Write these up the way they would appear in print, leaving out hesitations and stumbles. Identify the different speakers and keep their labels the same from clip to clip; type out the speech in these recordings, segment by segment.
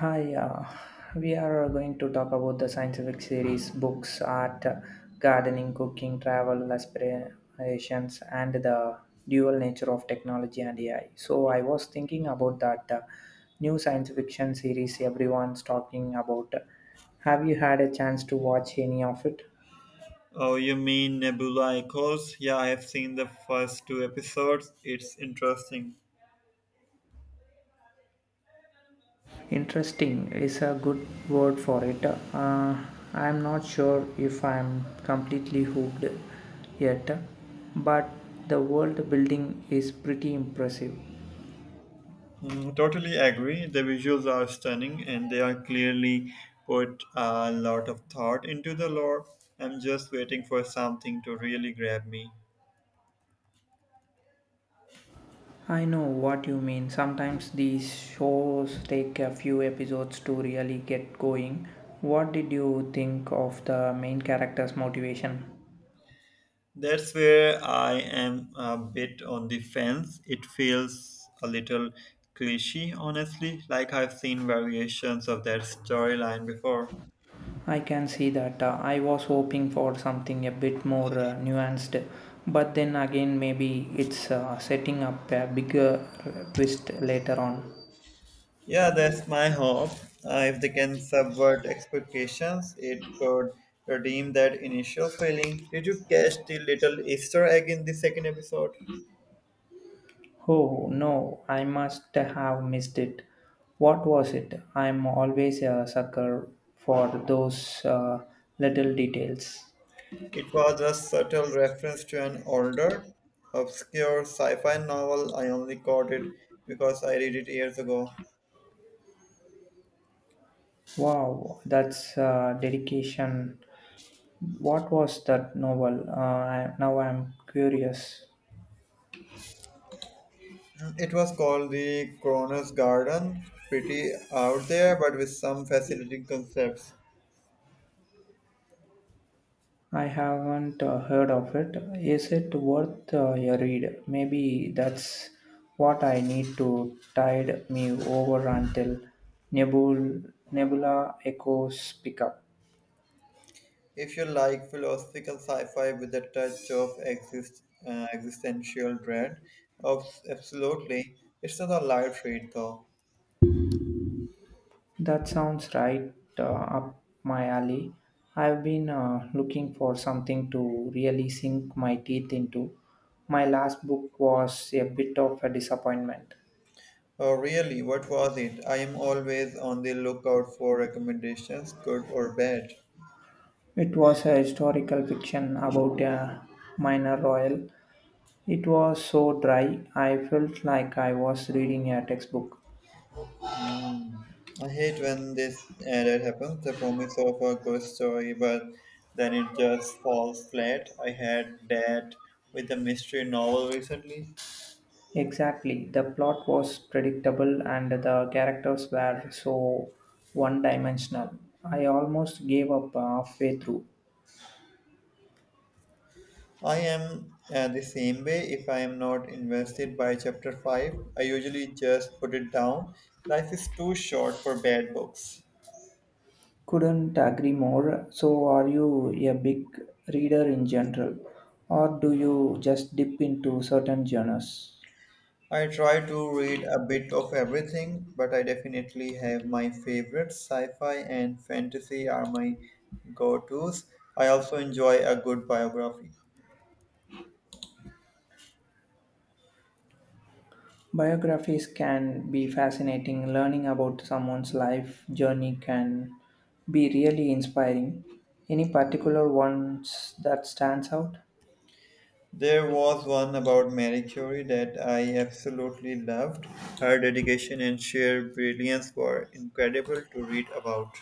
Speaker 1: Hi, we are going to talk about the scientific series, books, art, gardening, cooking, travel, aspirations, and the dual nature of technology and AI. So, I was thinking about that new science fiction series everyone's talking about. Have you had a chance to watch any of it?
Speaker 2: Oh, you mean Nebula Echoes? Yeah, I have seen the first two episodes. It's interesting.
Speaker 1: Interesting is a good word for it. I'm not sure if I'm completely hooked yet, but the world building is pretty impressive.
Speaker 2: Mm, totally agree. The visuals are stunning and they are clearly put a lot of thought into the lore. I'm just waiting for something to really grab me.
Speaker 1: I know what you mean. Sometimes these shows take a few episodes to really get going. What did you think of the main character's motivation?
Speaker 2: That's where I am a bit on the fence. It feels a little cliche, honestly, like I've seen variations of that storyline before.
Speaker 1: I can see that. I was hoping for something a bit more nuanced, but then again, maybe it's setting up a bigger twist later on.
Speaker 2: Yeah, that's my hope. If they can subvert expectations, it could redeem that initial feeling. Did you catch the little Easter egg in the second episode?
Speaker 1: Oh no, I must have missed it. What was it? I'm always a sucker for those little details.
Speaker 2: It was a subtle reference to an older, obscure sci fi novel. I only caught it because I read it years ago.
Speaker 1: Wow, that's dedication. What was that novel? Now I'm curious.
Speaker 2: It was called The Coroner's Garden. Pretty out there, but with some fascinating concepts.
Speaker 1: I haven't heard of it. Is it worth a read? Maybe that's what I need to tide me over until Nebula Echoes pick up.
Speaker 2: If you like philosophical sci-fi with a touch of existential dread, absolutely. It's not a light read though.
Speaker 1: That sounds right up my alley. I've been looking for something to really sink my teeth into. My last book was a bit of a disappointment.
Speaker 2: Oh, really? What was it? I am always on the lookout for recommendations, good or bad.
Speaker 1: It was a historical fiction about a minor royal. It was so dry, I felt like I was reading a textbook.
Speaker 2: Hmm. I hate when this that happens. The promise of a good story, but then it just falls flat. I had that with a mystery novel recently.
Speaker 1: Exactly, the plot was predictable and the characters were so one dimensional. I almost gave up halfway through.
Speaker 2: I am the same way. If I am not invested by chapter 5, I usually just put it down. Life is too short for bad books.
Speaker 1: Couldn't agree more. So, are you a big reader in general, or do you just dip into certain genres?
Speaker 2: I try to read a bit of everything, but I definitely have my favorites. Sci fi and fantasy are my go tos. I also enjoy a good biography.
Speaker 1: Biographies can be fascinating. Learning about someone's life journey can be really inspiring. Any particular ones that stands out?
Speaker 2: There was one about Marie Curie that I absolutely loved. Her dedication and sheer brilliance were incredible to read about.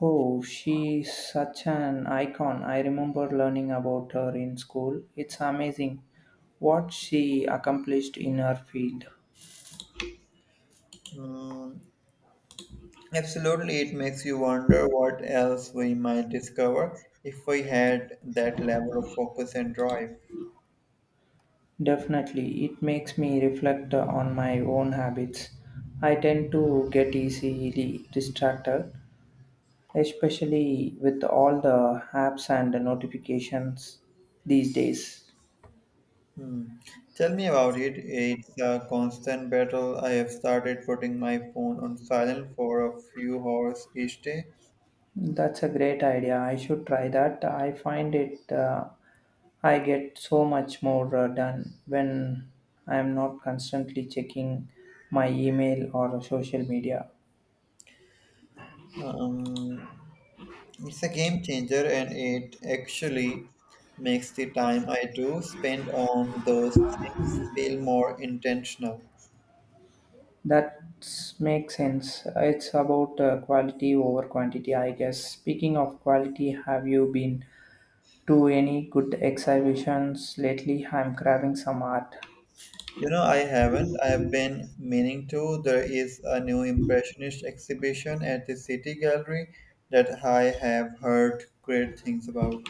Speaker 1: Oh, she's such an icon. I remember learning about her in school. It's amazing what she accomplished in her field.
Speaker 2: Mm, absolutely, it makes you wonder what else we might discover if we had that level of focus and drive.
Speaker 1: Definitely, it makes me reflect on my own habits. I tend to get easily distracted, especially with all the apps and the notifications these days.
Speaker 2: Hmm. Tell me about it. It's a constant battle. I have started putting my phone on silent for a few hours each day.
Speaker 1: That's a great idea. I should try that. I get so much more done when I am not constantly checking my email or social media.
Speaker 2: Um, it's a game changer, and it actually makes the time I do spend on those things feel more intentional.
Speaker 1: That makes sense. It's about quality over quantity, I guess. Speaking of quality, have you been to any good exhibitions lately? I'm craving some art.
Speaker 2: You know, I haven't. I have been meaning to. There is a new Impressionist exhibition at the City Gallery that I have heard great things about.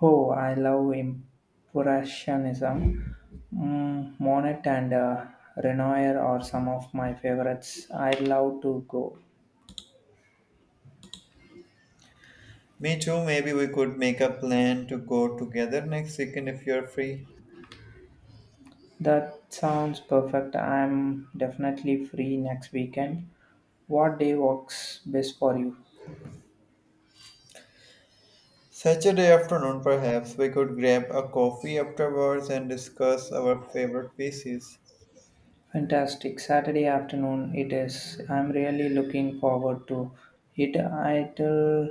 Speaker 1: Oh, I love Impressionism. Mm, Monet and Renoir are some of my favorites. I love to go.
Speaker 2: Me too. Maybe we could make a plan to go together next weekend if you're free.
Speaker 1: That sounds perfect. I'm definitely free next weekend. What day works best for you?
Speaker 2: Saturday afternoon, perhaps. We could grab a coffee afterwards and discuss our favorite pieces.
Speaker 1: Fantastic. Saturday afternoon it is. I'm really looking forward to it. It'll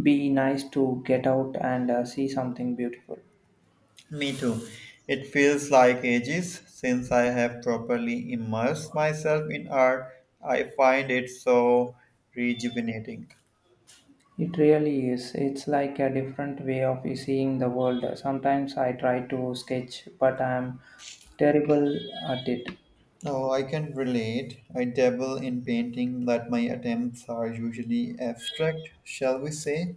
Speaker 1: be nice to get out and see something beautiful.
Speaker 2: Me too. It feels like ages since I have properly immersed myself in art. I find it so rejuvenating.
Speaker 1: It really is. It's like a different way of seeing the world. Sometimes I try to sketch, but I'm terrible at it.
Speaker 2: No, I can relate. I dabble in painting, but my attempts are usually abstract, shall we say?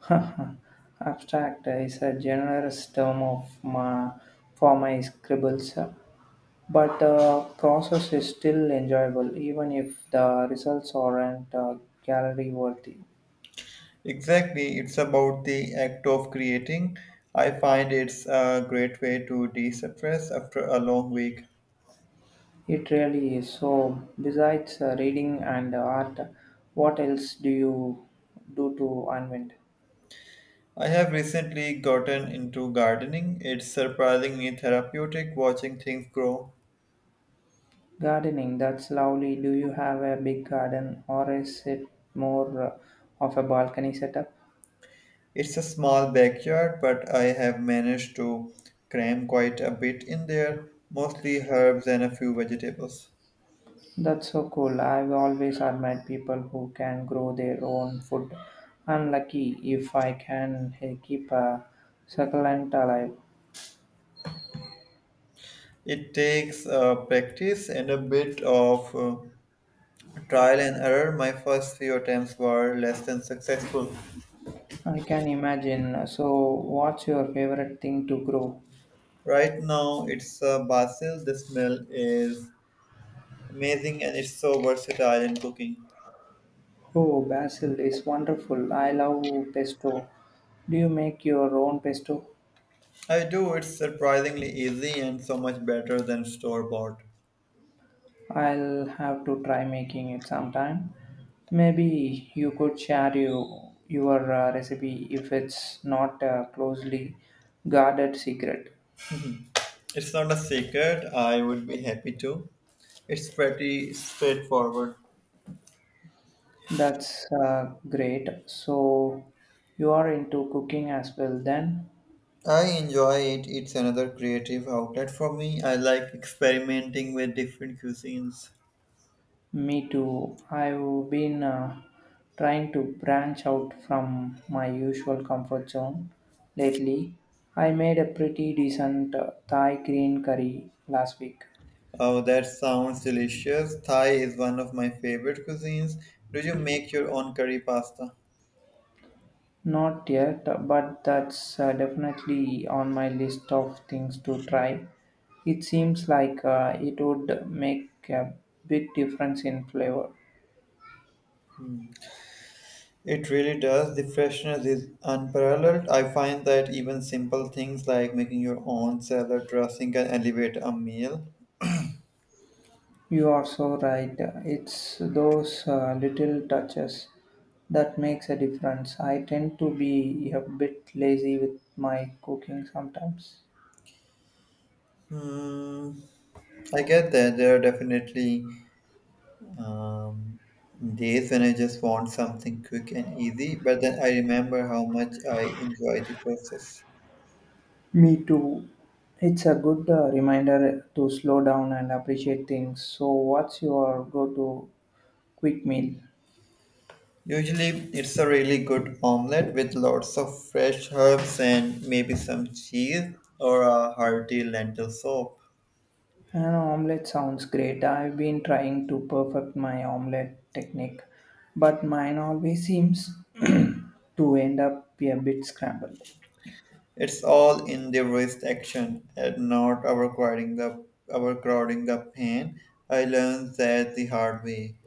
Speaker 1: Abstract is a generous term for my scribbles, but the process is still enjoyable, even if the results aren't gallery worthy.
Speaker 2: Exactly, it's about the act of creating. I find it's a great way to de stress after a long week.
Speaker 1: It really is. So, besides reading and art, what else do you do to unwind?
Speaker 2: I have recently gotten into gardening. It's surprisingly therapeutic watching things grow.
Speaker 1: Gardening, that's lovely. Do you have a big garden or is it more of a balcony setup?
Speaker 2: It's a small backyard, but I have managed to cram quite a bit in there, mostly herbs and a few vegetables.
Speaker 1: That's so cool. I've always admired people who can grow their own food. I'm lucky if I can keep a succulent alive.
Speaker 2: It takes practice and a bit of trial and error. My first few attempts were less than successful.
Speaker 1: I can imagine. So, what's your favorite thing to grow?
Speaker 2: Right now, it's basil. The smell is amazing and it's so versatile in cooking.
Speaker 1: Oh, basil is wonderful. I love pesto. Do you make your own pesto?
Speaker 2: I do. It's surprisingly easy and so much better than store bought.
Speaker 1: I'll have to try making it sometime. Maybe your recipe if it's not a closely guarded secret.
Speaker 2: It's not a secret. I would be happy to. It's pretty straightforward.
Speaker 1: That's great. So you are into cooking as well then?
Speaker 2: I enjoy it. It's another creative outlet for me. I like experimenting with different cuisines.
Speaker 1: Me too. I've been trying to branch out from my usual comfort zone lately. I made a pretty decent Thai green curry last week.
Speaker 2: Oh, that sounds delicious. Thai is one of my favorite cuisines. Do you make your own curry pasta?
Speaker 1: Not yet, but that's definitely on my list of things to try. It seems like it would make a big difference in flavor.
Speaker 2: It really does. The freshness is unparalleled. I find that even simple things like making your own salad dressing can elevate a meal.
Speaker 1: You are so right. It's those little touches that makes a difference. I tend to be a bit lazy with my cooking sometimes.
Speaker 2: Hmm, I get that. There are definitely um, days when I just want something quick and easy, but then I remember how much I enjoy the process.
Speaker 1: Me too. It's a good reminder to slow down and appreciate things. So, what's your go-to quick meal?
Speaker 2: Usually, it's a really good omelette with lots of fresh herbs and maybe some cheese or a hearty lentil soup.
Speaker 1: An omelette sounds great. I've been trying to perfect my omelette technique, but mine always seems to end up a bit scrambled.
Speaker 2: It's all in the wrist action and not overcrowding the pain. I learned that the hard way.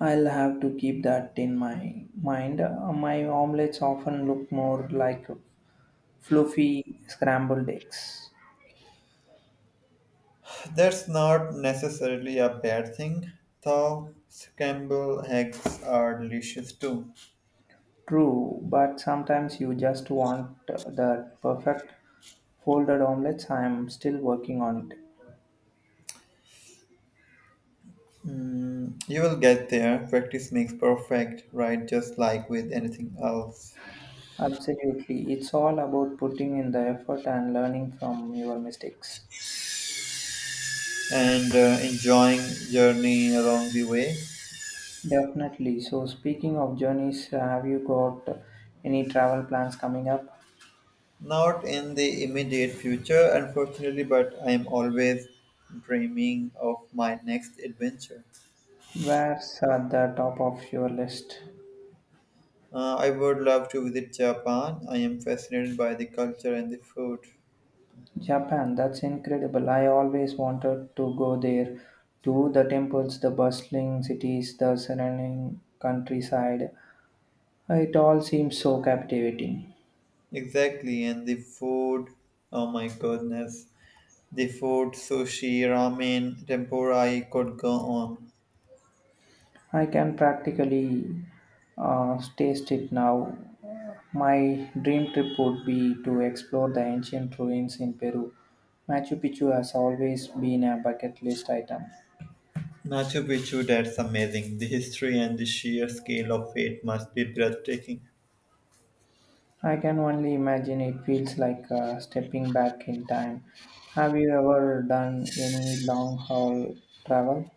Speaker 1: I'll have to keep that in my mind. My omelettes often look more like fluffy scrambled eggs.
Speaker 2: That's not necessarily a bad thing, though. Scramble eggs are delicious too.
Speaker 1: True, but sometimes you just want that perfect folded omelets. I am still working on it.
Speaker 2: Mm, you will get there. Practice makes perfect, right? Just like with anything else.
Speaker 1: Absolutely. It's all about putting in the effort and learning from your mistakes.
Speaker 2: And enjoying journey along the way.
Speaker 1: Definitely. So, speaking of journeys, have you got any travel plans coming up?
Speaker 2: Not in the immediate future, unfortunately, but I am always dreaming of my next adventure.
Speaker 1: Where's at the top of your list?
Speaker 2: I would love to visit Japan. I am fascinated by the culture and the food.
Speaker 1: Japan, that's incredible. I always wanted to go there. To the temples, the bustling cities, the surrounding countryside. It all seems so captivating.
Speaker 2: Exactly, and the food. Oh my goodness. The food, sushi, ramen, tempura, I could go on.
Speaker 1: I can practically taste it now. My dream trip would be to explore the ancient ruins in Peru. Machu Picchu has always been a bucket list item.
Speaker 2: Machu Picchu, that's amazing. The history and the sheer scale of it must be breathtaking.
Speaker 1: I can only imagine it feels like stepping back in time. Have you ever done any long haul travel?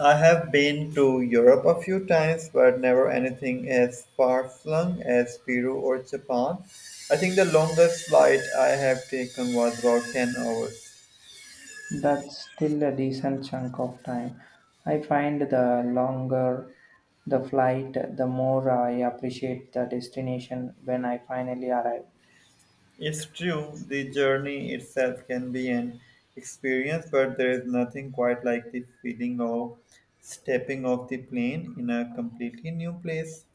Speaker 2: I have been to Europe a few times, but never anything as far flung as Peru or Japan. I think the longest flight I have taken was about 10 hours.
Speaker 1: That's still a decent chunk of time. I find the longer the flight, the more I appreciate the destination when I finally arrive.
Speaker 2: It's true, the journey itself can be an experience, but there is nothing quite like the feeling of stepping off the plane in a completely new place.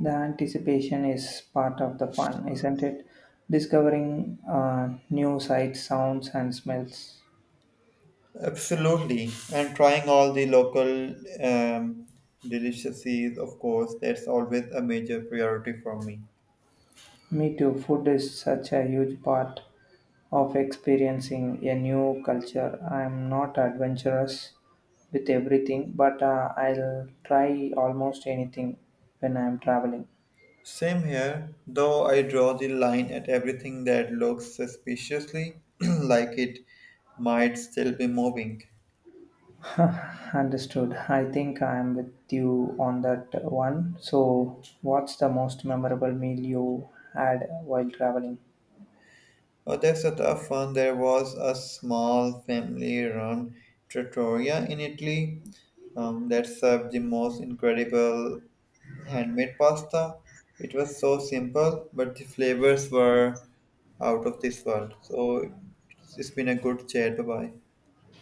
Speaker 1: The anticipation is part of the fun, isn't it? Discovering new sights, sounds, and smells.
Speaker 2: Absolutely, and trying all the local um, delicacies, of course, that's always a major priority for me.
Speaker 1: Me too, food is such a huge part of experiencing a new culture. I'm not adventurous with everything, but I'll try almost anything when I'm traveling.
Speaker 2: Same here, though I draw the line at everything that looks suspiciously like it might still be moving.
Speaker 1: Understood. I think I'm with you on that one. So, what's the most memorable meal you had while traveling?
Speaker 2: Oh, that's a tough one. There was a small family run trattoria in Italy that served the most incredible handmade pasta. It was so simple, but the flavors were out of this world. So it's been a good chat. Bye bye.